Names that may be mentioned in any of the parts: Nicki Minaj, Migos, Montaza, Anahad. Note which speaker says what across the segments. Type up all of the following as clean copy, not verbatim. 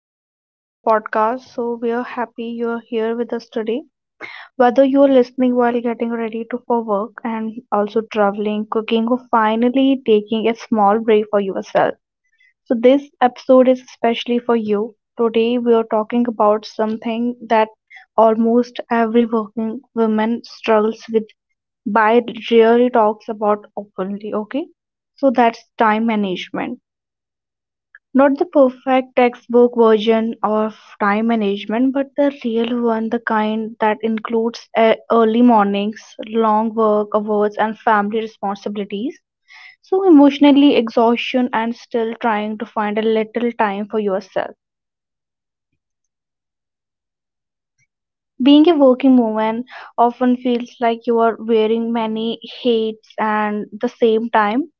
Speaker 1: welcome back to our podcast. So, we are happy you are here with us today. Whether you are listening while getting ready to for work and also traveling, cooking, or finally taking a small break for yourself. So, this episode is especially for you. Today, we are talking about something that almost every working woman struggles with but rarely talks about openly, okay? So, that's time management not the perfect textbook version of time management, but the real one, the kind that includes early mornings, long work hours, and family responsibilities. So, emotionally exhaustion and still trying to find a little time for yourself. Being a working woman often feels like you are wearing many hats and the same time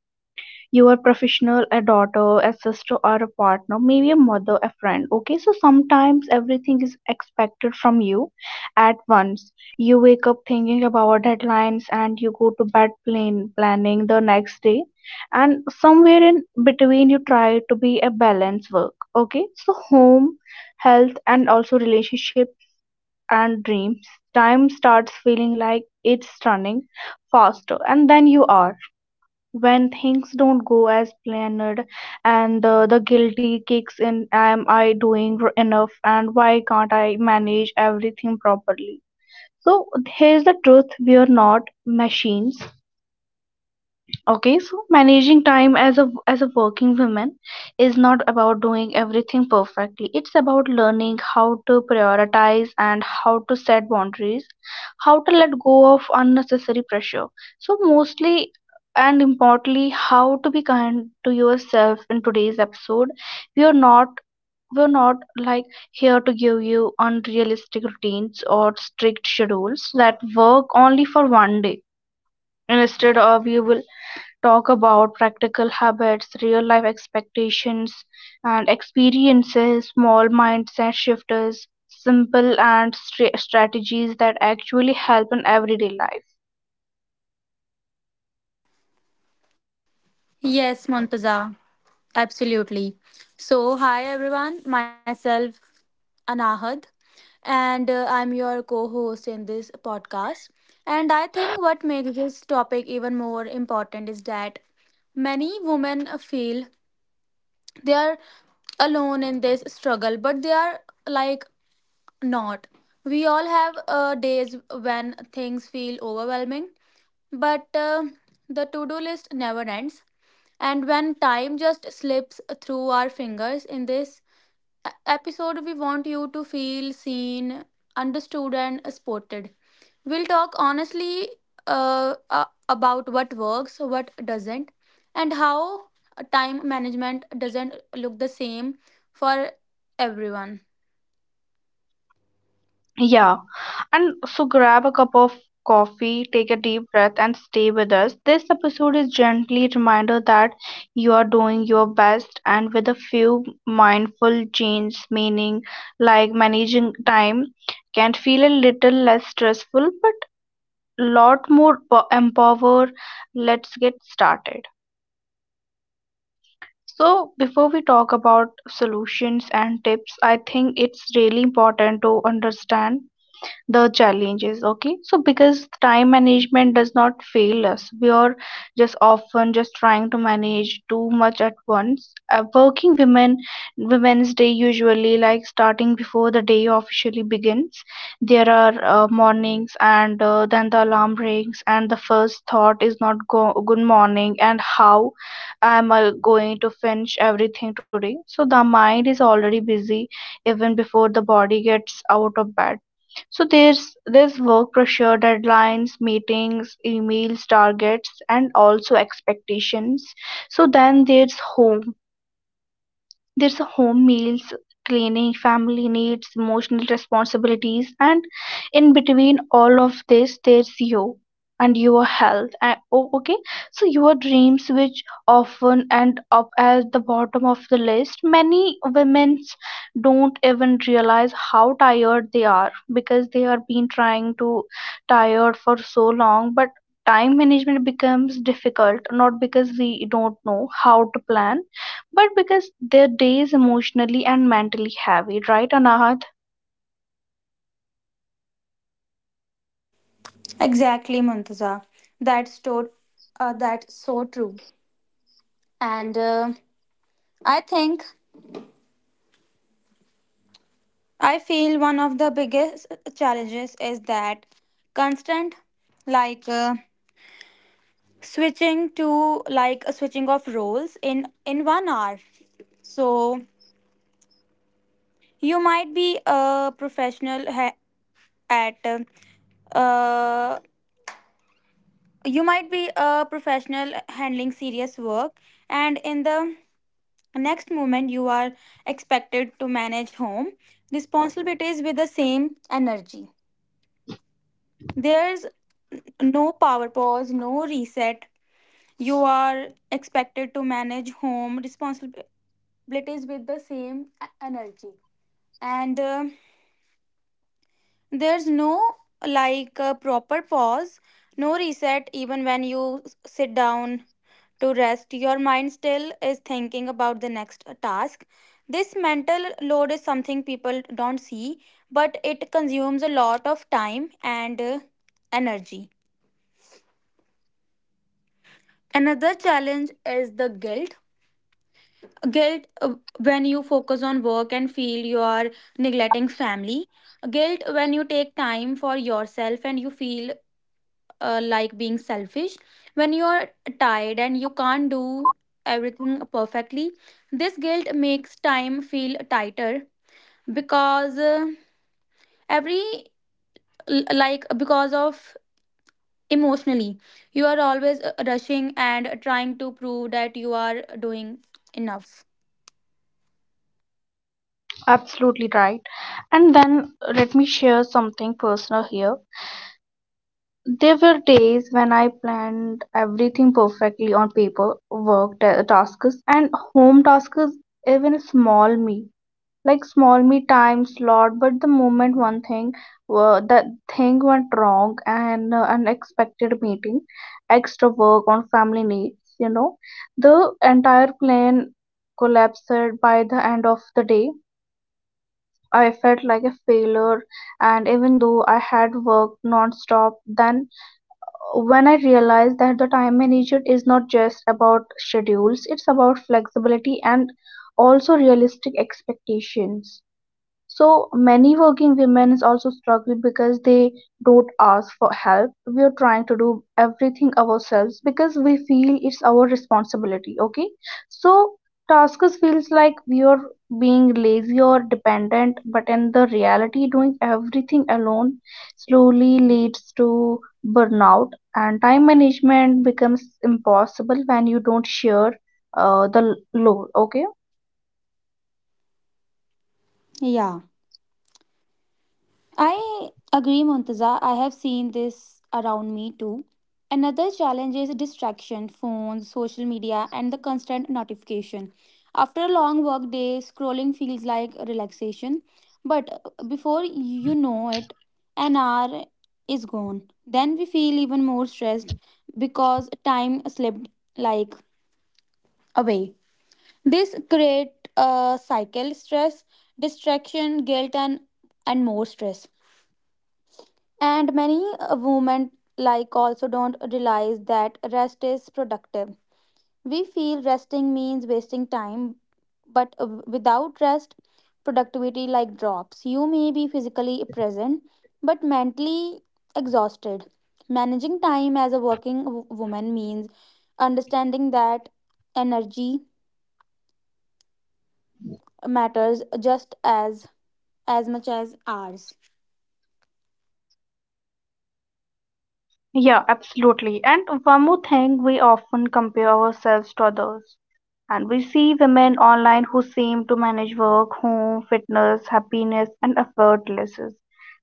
Speaker 1: your professional, a daughter, a sister, or a partner, maybe a mother, a friend. Okay, so sometimes everything is expected from you at once. You wake up thinking about deadlines and you go to bed planning the next day, and somewhere in between, you try to be a balanced work. Okay, so home, health, and also relationships and dreams. Time starts feeling like it's running faster, and then you are when things don't go as planned and the guilty kicks in, am I doing enough, and why can't I manage everything properly? So here's the truth, we are not machines. Okay, so managing time as a working woman is not about doing everything perfectly. It's about learning how to prioritize and how to set boundaries, how to let go of unnecessary pressure. So mostly and importantly, how to be kind to yourself in today's episode. We are not we're not here to give you unrealistic routines or strict schedules that work only for one day. Instead of you will talk about practical habits, real life expectations, and experiences, small mindset shifters, simple and strategies that actually help in everyday life.
Speaker 2: Yes, Montaza, absolutely. So, hi everyone, myself Anahad, and I'm your co host in this podcast. And I think what makes this topic even more important is that many women feel they are alone in this struggle, but they are like not. We all have days when things feel overwhelming, but the to do list never ends. And when time just slips through our fingers, in this episode, we want you to feel seen, understood, and supported. We'll talk honestly about what works, what doesn't, and how time management doesn't look the same for everyone.
Speaker 1: Yeah, and so grab a cup of coffee, take a deep breath, and stay with us. This episode is gently a reminder that you are doing your best, and with a few mindful changes, meaning like managing time, can feel a little less stressful, but lot more empower. Let's get started. So before we talk about solutions and tips, I think it's really important to understand the challenges, okay? So because time management does not fail us, we are just often just trying to manage too much at once. A working women women's day usually like starting before the day officially begins. There are mornings and then the alarm rings and the first thought is not good morning and how am I going to finish everything today? So the mind is already busy even before the body gets out of bed. So there's work pressure, deadlines, meetings, emails, targets, and also expectations. So then there's home, there's a home, meals, cleaning, family needs, emotional responsibilities, and in between all of this, there's you and your health. And, oh, okay, so your dreams, which often end up at the bottom of the list, many women don't even realize how tired they are because they are been trying to tired for so long, but time management becomes difficult not because we don't know how to plan but because their day is emotionally and mentally heavy, right, Anahat?
Speaker 2: Exactly, Muntaza. That's, to- that's so true. And I think I feel one of the biggest challenges is that constant like uh, switching to like a switching of roles in 1 hour. So you might be a professional ha- at uh, you might be a professional handling serious work, and in the next moment you are expected to manage home responsibilities with the same energy. There's no power pause, no reset. You are expected to manage home responsibilities with the same energy. And there's no proper pause, no reset, even when you sit down to rest. Your mind still is thinking about the next task. This mental load is something people don't see, but it consumes a lot of time and energy. Another challenge is the guilt when you focus on work and feel you are neglecting family, guilt when you take time for yourself and you feel like being selfish, when you are tired and you can't do everything perfectly. This guilt makes time feel tighter, because every l- like because of emotionally, you are always rushing and trying to prove that you are doing enough.
Speaker 1: Absolutely right. And then let me share something personal here. There were days when I planned everything perfectly on paper, work tasks, and home tasks, even small me. Like small me time slot, but the moment one thing that thing went wrong and unexpected meeting, extra work on family needs, you know, the entire plan collapsed. By the end of the day, I felt like a failure, and even though I had worked non-stop, then when I realized that the time management is not just about schedules, it's about flexibility and also realistic expectations. So many working women is also struggling because they don't ask for help. We are trying to do everything ourselves because we feel it's our responsibility. Okay, so tasks feels like we are being lazy or dependent, but in the reality, doing everything alone slowly leads to burnout, and time management becomes impossible when you don't share the load. Okay.
Speaker 2: Yeah. I agree, Montaza. I have seen this around me too. Another challenge is distraction, phones, social media, and the constant notification. After a long work day, scrolling feels like relaxation, but before you know it, an hour is gone. Then we feel even more stressed because time slipped like away. This create a cycle: stress, distraction, guilt, and more stress. And many women like also don't realize that rest is productive. We feel resting means wasting time, but without rest, productivity like drops. You may be physically present but mentally exhausted. Managing time as a working woman means understanding that energy matters just as much as hours.
Speaker 1: Yeah, absolutely. And one more thing, we often compare ourselves to others. And we see women online who seem to manage work, home, fitness, happiness, and effortlessness.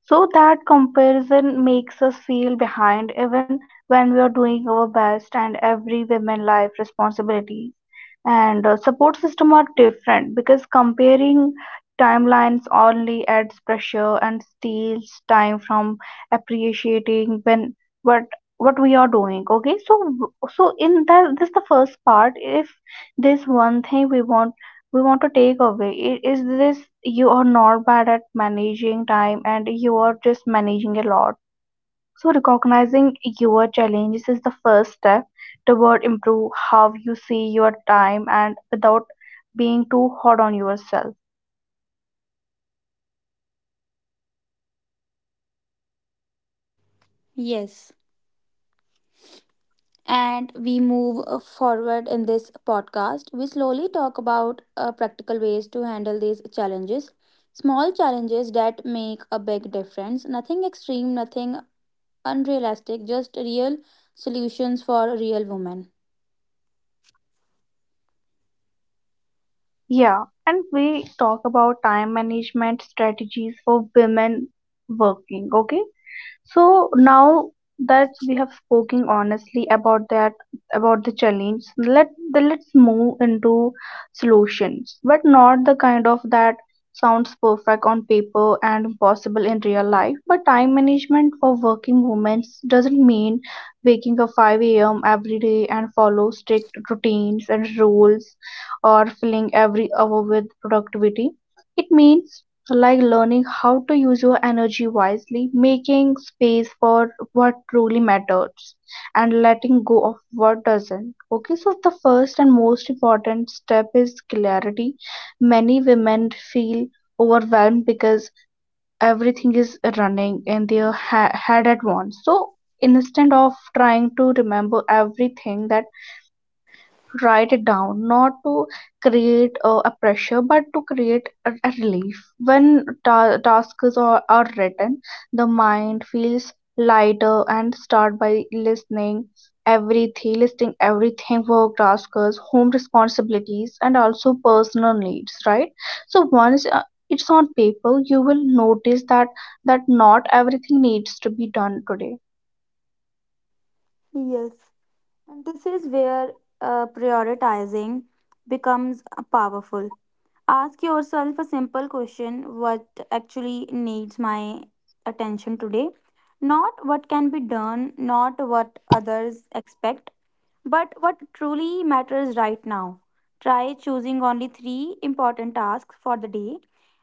Speaker 1: So that comparison makes us feel behind even when we are doing our best, and every women life responsibilities and support system are different because comparing timelines only adds pressure and steals time from appreciating when what what we are doing, okay? So so in that this the first part, if this one thing we want to take away, is this, you are not bad at managing time and you are just managing a lot. So recognizing your challenges is the first step toward improve how you see your time, and without being too hard on yourself.
Speaker 2: Yes, and we move forward in this podcast. We slowly talk about practical ways to handle these challenges. Small challenges that make a big difference. Nothing extreme, nothing unrealistic, just real solutions for real women.
Speaker 1: Yeah, and we talk about time management strategies for women working, okay. So now that we have spoken honestly about that, about the challenge, let then let's move into solutions, but not the kind of that sounds perfect on paper and impossible in real life. But time management for working women doesn't mean waking up 5 a.m. every day and follow strict routines and rules or filling every hour with productivity. It means like learning how to use your energy wisely, making space for what truly matters, and letting go of what doesn't. Okay, so the first and most important step is clarity. Many women feel overwhelmed because everything is running in their head at once. So instead of trying to remember everything, that write it down, not to create a pressure but to create a relief. When tasks are written, the mind feels lighter, and start by listening everything, listing everything, work tasks, home responsibilities, and also personal needs, right? So once it's on paper, you will notice that that not everything needs to be done today.
Speaker 2: Yes. And this is where prioritizing becomes powerful. Ask yourself a simple question: what actually needs my attention today? Not what can be done, not what others expect, but what truly matters right now. Try choosing only three important tasks for the day.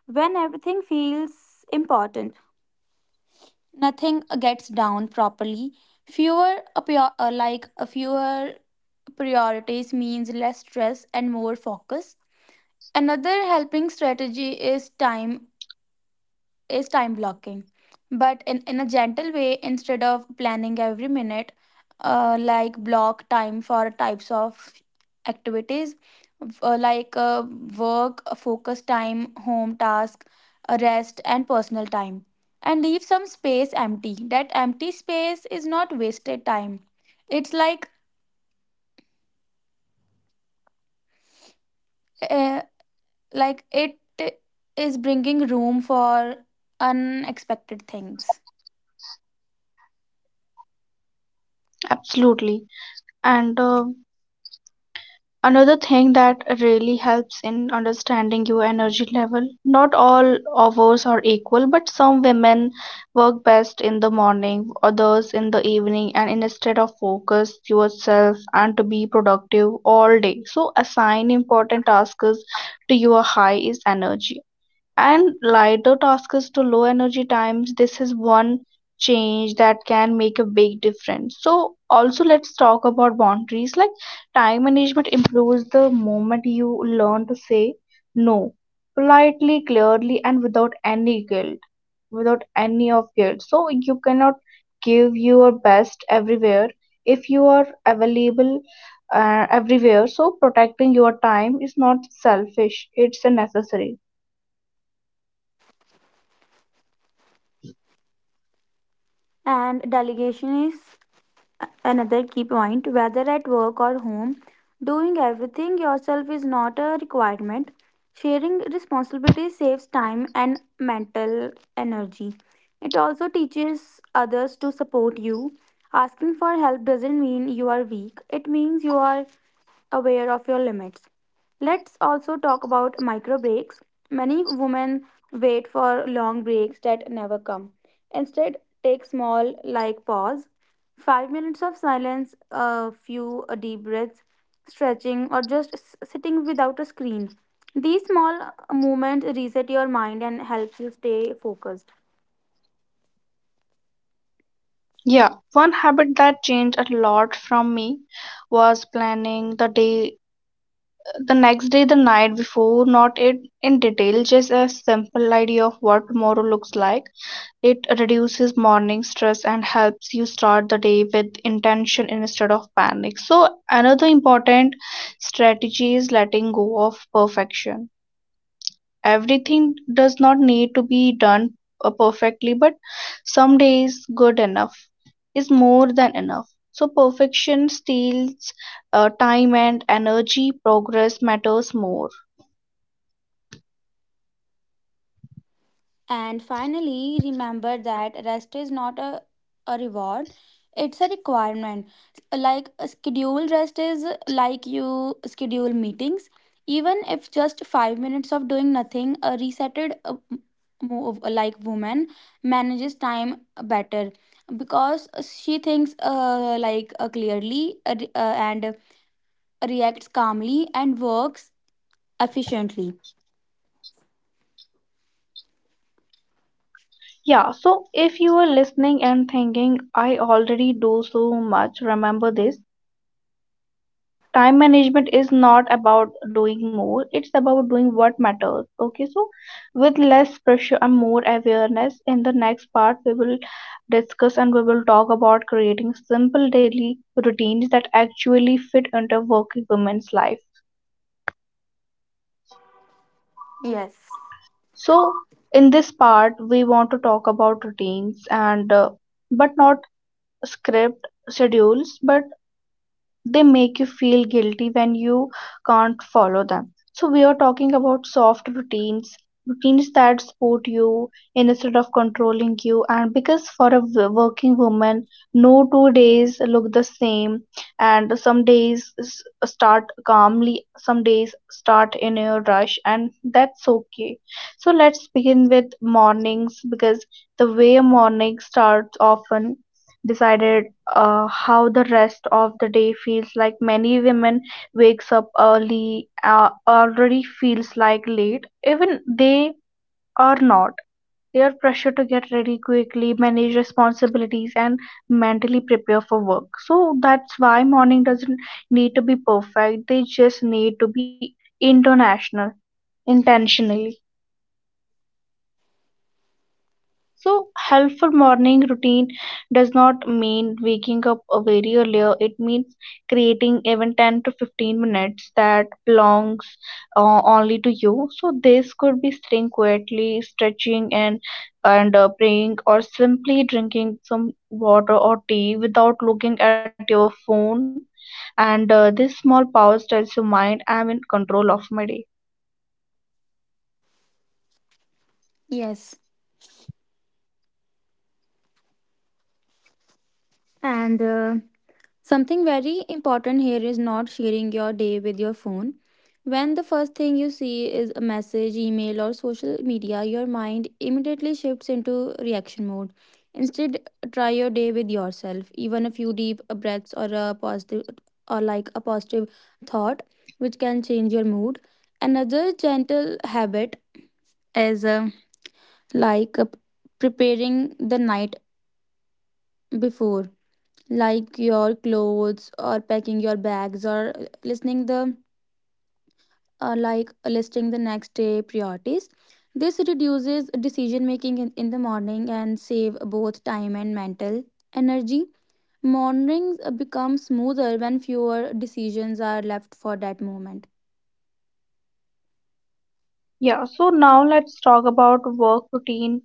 Speaker 2: When everything feels important, nothing gets down properly. Fewer appear- like a Fewer priorities means less stress and more focus. Another helping strategy is time blocking, but in a gentle way. Instead of planning every minute, like block time for types of activities, uh, like uh, work focus time, home task, rest, and personal time, and leave some space empty. That empty space is not wasted time. It's like uh, like it is bringing room for unexpected things.
Speaker 1: Absolutely. And another thing that really helps in understanding your energy level, not all hours are equal, but some women work best in the morning, others in the evening, and instead of focus yourself and to be productive all day. So, assign important tasks to your highest energy. And lighter tasks to low energy times, this is one change that can make a big difference. So, also, let's talk about boundaries. Like, time management improves the moment you learn to say no politely, clearly, and without any guilt, without any of guilt. So, you cannot give your best everywhere if you are available everywhere. So, protecting your time is not selfish, it's a necessary.
Speaker 2: And delegation is another key point. Whether at work or home, doing everything yourself is not a requirement. Sharing responsibility saves time and mental energy. It also teaches others to support you. Asking for help doesn't mean you are weak, it means you are aware of your limits. Let's also talk about micro breaks. Many women wait for long breaks that never come. Instead, take small, like pause, 5 minutes of silence, a few deep breaths, stretching, or just sitting without a screen. These small movements reset your mind and help you stay focused.
Speaker 1: Yeah, one habit that changed a lot from me was planning the day, the next day, the night before, not it in detail, just a simple idea of what tomorrow looks like. It reduces morning stress and helps you start the day with intention instead of panic. So, another important strategy is letting go of perfection. Everything does not need to be done perfectly, but some days good enough is more than enough. So perfection steals time and energy, progress matters more.
Speaker 2: And finally, remember that rest is not a reward, it's a requirement. Like a scheduled rest is like you schedule meetings. Even if just 5 minutes of doing nothing, a resetted move, like woman manages time better because she thinks clearly and reacts calmly and works efficiently.
Speaker 1: Yeah, so if you are listening and thinking, I already do so much, remember this, time management is not about doing more, it's about doing what matters, okay? So with less pressure and more awareness, in the next part we will discuss and we will talk about creating simple daily routines that actually fit into working women's life.
Speaker 2: Yes.
Speaker 1: So in this part we want to talk about routines and but not script schedules, but they make you feel guilty when you can't follow them. So we are talking about soft routines, routines that support you instead of controlling you, and because for a working woman no two days look the same, and some days start calmly, some days start in a rush, and that's okay. So let's begin with mornings, because the way a morning starts often decided how the rest of the day feels like. Many women wakes up early, already feels like late even they are not, their pressure to get ready quickly, manage responsibilities, and mentally prepare for work. So that's why morning doesn't need to be perfect, they just need to be international intentionally. So, helpful morning routine does not mean waking up very earlier. It means creating even 10 to 15 minutes that belongs only to you. So, this could be sitting quietly, stretching, and praying, or simply drinking some water or tea without looking at your phone. And this small pause tells your mind, I'm in control of my day.
Speaker 2: Yes. And something very important here is not sharing your day with your phone. When the first thing you see is a message, email, or social media, your mind immediately shifts into reaction mode. Instead, try your day with yourself. Even a few deep breaths or a positive thought, which can change your mood. Another gentle habit is like uh, preparing the night before, like your clothes or packing your bags or listening the like listing the next day priorities. This reduces decision making in the morning and save both time and mental energy. Mornings become smoother when fewer decisions are left for that moment.
Speaker 1: Yeah, so now let's talk about work routine,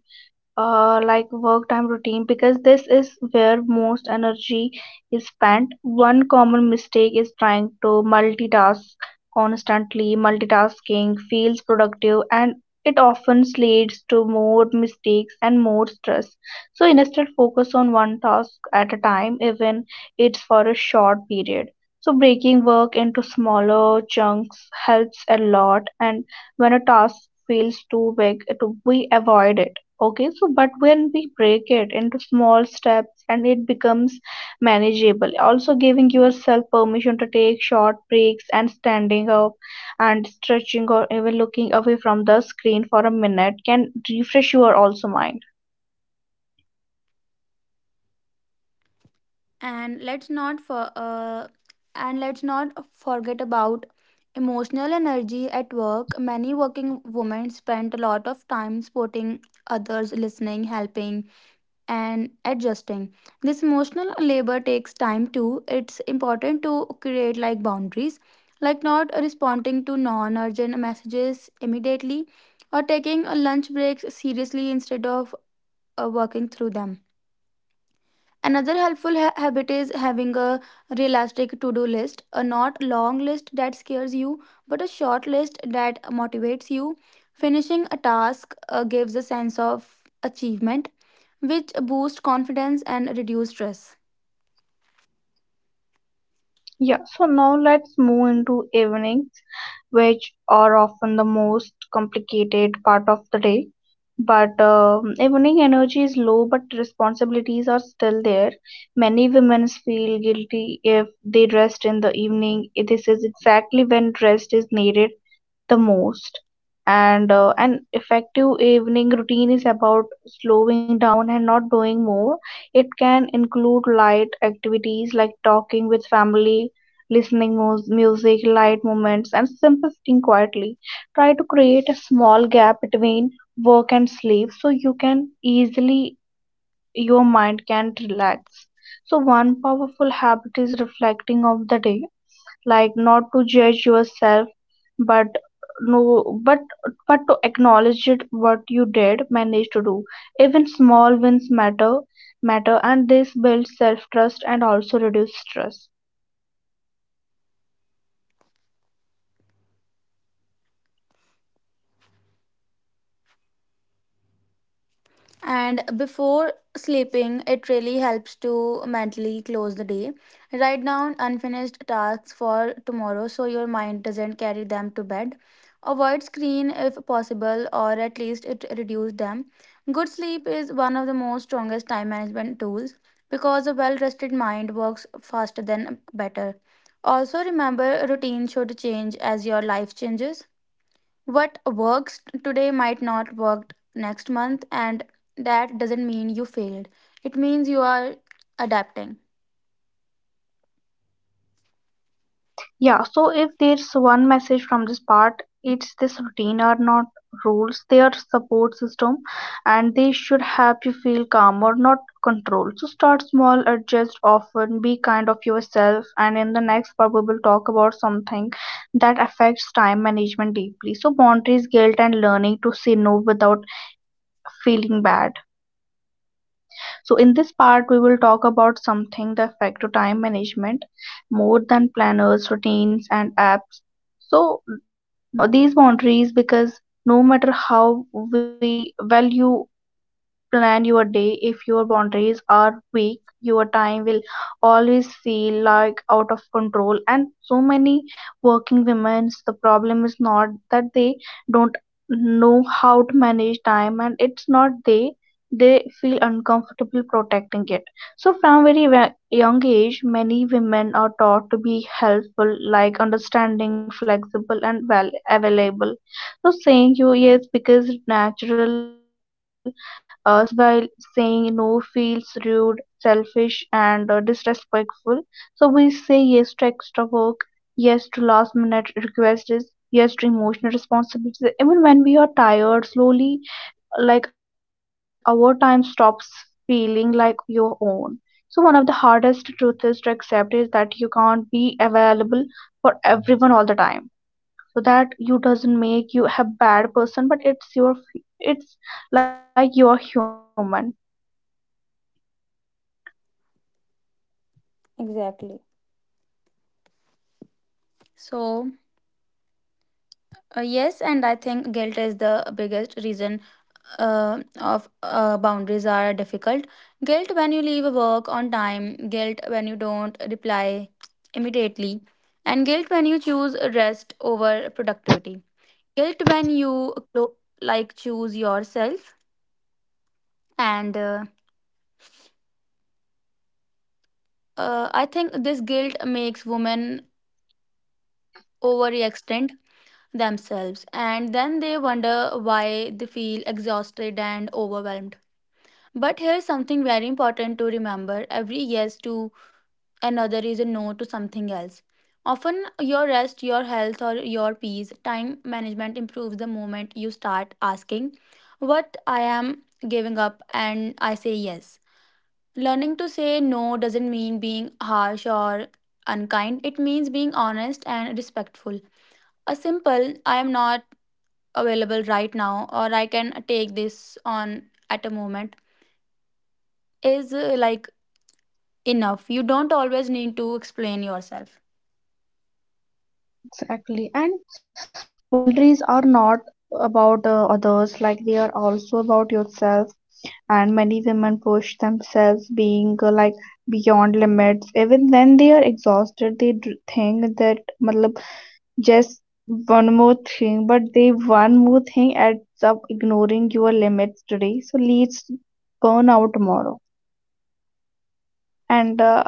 Speaker 1: like work time routine, because this is where most energy is spent. One common mistake is trying to multitask constantly. Multitasking feels productive and it often leads to more mistakes and more stress. So instead, focus on one task at a time, even it's for a short period. So breaking work into smaller chunks helps a lot, and when a task feels too big, it we avoid it. Okay, so but when we break it into small steps and it becomes manageable, also giving yourself permission to take short breaks and standing up and stretching or even looking away from the screen for a minute can refresh your also mind.
Speaker 2: and let's not for uh, and let's not forget about emotional energy at work. Many working women spend a lot of time supporting others, listening, helping, and adjusting. This emotional labor takes time too. It's important to create like boundaries, like not responding to non-urgent messages immediately, or taking a lunch breaks seriously instead of working through them. Another helpful habit is having a realistic to do list, a not long list that scares you, but a short list that motivates you. Finishing a task gives a sense of achievement, which boosts confidence and reduce stress.
Speaker 1: Yeah, so now let's move into evenings, which are often the most complicated part of the day. But evening energy is low, but responsibilities are still there. Many women feel guilty if they rest in the evening. This is exactly when rest is needed the most, and an effective evening routine is about slowing down and not doing more. It can include light activities like talking with family, listening music, light moments and simple sitting quietly. Try to create a small gap between work and sleep so you can easily your mind can relax. So one powerful habit is reflecting of the day, like not to judge yourself, but no but but to acknowledge it what you did manage to do. Even small wins matter, and this builds self trust and also reduce stress.
Speaker 2: And before sleeping, it really helps to mentally close the day. Write down unfinished tasks for tomorrow so your mind doesn't carry them to bed. Avoid screen if possible, or at least it reduce them. Good sleep is one of the most strongest time management tools, because a well rested mind works faster than better. Also remember routine should change as your life changes. What works today might not work next month, and that doesn't mean you failed. It means you are adapting.
Speaker 1: Yeah, so if there's one message from this part, it's this: routine are not rules, they are support system, and they should help you feel calmer, not control. So start small, adjust often, be kind of yourself, and in the next part we will talk about something that affects time management deeply. So boundaries, guilt and learning to say no without feeling bad. So, in this part, we will talk about something the effect of time management more than planners, routines, and apps. So, these boundaries, because no matter how we value plan your day. If your boundaries are weak, your time will always feel like out of control. And so many working women's, the problem is not that they don't know how to manage time, and it's not they feel uncomfortable protecting it. So from young age, many women are taught to be helpful, like understanding, flexible, and well available. So saying you yes because it's natural us by, saying no feels rude, selfish, and disrespectful. So we say yes to extra work, yes to last minute requests, yes to emotional responsibilities. Even when we are tired, slowly, like our time stops feeling like your own. So, one of the hardest truths is to accept is that you can't be available for everyone all the time, so that you doesn't make you a bad person, but it's your it's like you're human.
Speaker 2: Exactly. So, yes, and I think guilt is the biggest reason of boundaries are difficult. Guilt when you leave work on time, guilt when you don't reply immediately, and guilt when you choose rest over productivity. Guilt when you choose yourself, and I think this guilt makes women overextend themselves, and then they wonder why they feel exhausted and overwhelmed. But here's something very important to remember: every yes to another is a no to something else. Often, your rest, your health, or your peace. Time management improves the moment you start asking what I am giving up and I say yes. Learning to say no doesn't mean being harsh or unkind, it means being honest and respectful. A simple, I am not available right now, or I can take this on at a moment, is enough. You don't always need to explain yourself.
Speaker 1: Exactly, and boundaries are not about others, like they are also about yourself, and many women push themselves being like beyond limits, even when they are exhausted they think that matlab, just one more thing, but they one more thing ends up ignoring your limits today so leads burnout tomorrow. And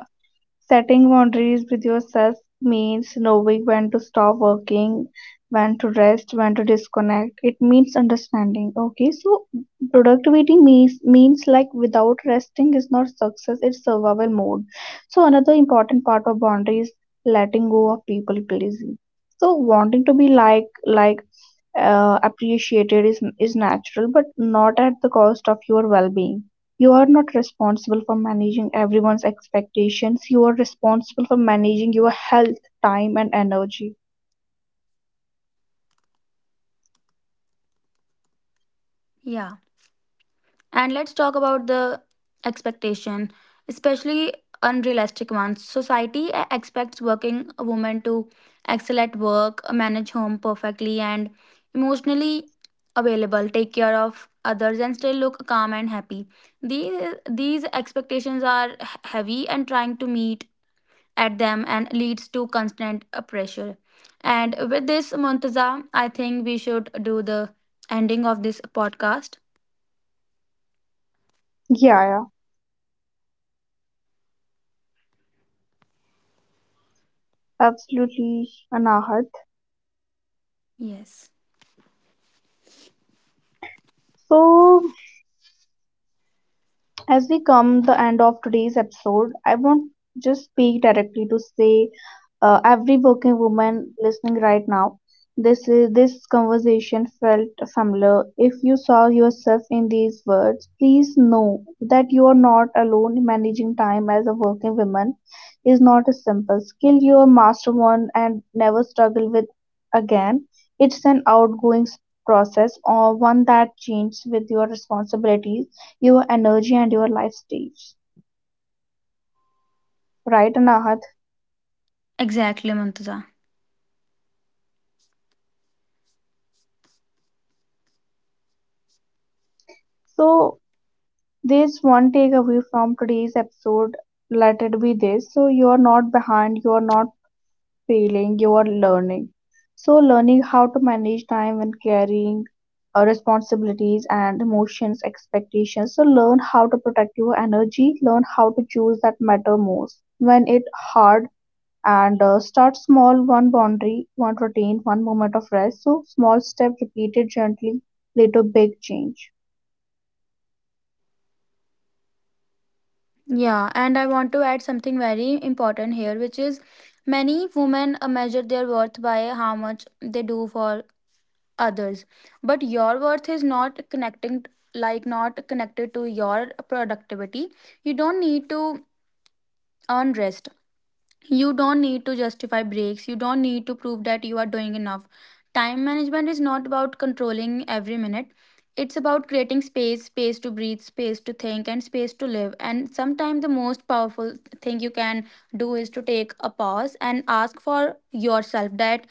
Speaker 1: Setting boundaries with yourself means knowing when to stop working, when to rest, when to disconnect. It means understanding. Okay, so productivity means like without resting is not success, it's survival mode. So another important part of boundaries letting go of people pleasing. So wanting to be like appreciated is natural, but not at the cost of your well being. You are not responsible for managing everyone's expectations. You are responsible for managing your health, time, and energy.
Speaker 2: Yeah. And let's talk about the expectation, especially unrealistic ones. Society expects working women to excel at work, manage home perfectly, and emotionally available, take care of others, and still look calm and happy. These these expectations are heavy, and trying to meet at them and leads to constant pressure. And with this, Montaza, I think we should do the ending of this podcast.
Speaker 1: Yeah, yeah, absolutely, Anahat.
Speaker 2: Yes.
Speaker 1: So, as we come the end of today's episode, I won't just speak directly to say every working woman listening right now, this conversation felt familiar. If you saw yourself in these words, please know that you are not alone. Managing time as a working woman is not a simple skill you are master one and never struggle with again. It's an outgoing process or one that changes with your responsibilities, your energy and your life stage. Right, Anahat?
Speaker 2: Exactly, Muntaza.
Speaker 1: So, there's one takeaway from today's episode. Let it be this. So, you're not behind, you're not feeling you are learning. So, learning how to manage time when carrying responsibilities and emotions, expectations. So, learn how to protect your energy, learn how to choose that matter most when it hard, and start small, one boundary, one routine, one moment of rest, so small step repeated gently lead to big change.
Speaker 2: Yeah, and I want to add something very important here, which is many women measure their worth by how much they do for others. But your worth is not not connected to your productivity. You don't need to earn rest. You don't need to justify breaks. You don't need to prove that you are doing enough. Time management is not about controlling every minute. It's about creating space, space to breathe, space to think, and space to live. And sometimes the most powerful thing you can do is to take a pause and ask for yourself that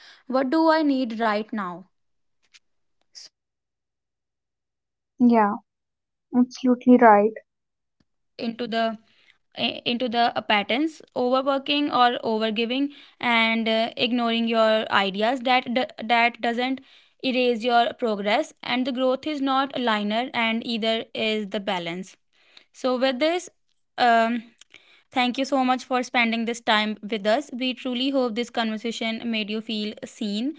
Speaker 1: Yeah, absolutely right.
Speaker 2: into the into the patterns overworking or overgiving and ignoring your ideas, that that doesn't erase your progress. And the growth is not linear, and either is the balance. So, with this, um, thank you so much for spending this time with us. We truly hope this conversation made you feel seen,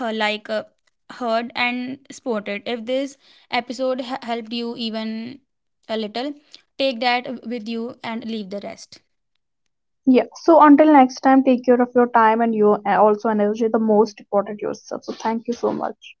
Speaker 2: uh, like uh, heard, and supported. If this episode helped you even a little, take that with you and leave the rest.
Speaker 1: Yeah, so until next time, take care of your time and your also energy, the most important yourself, so thank you so much.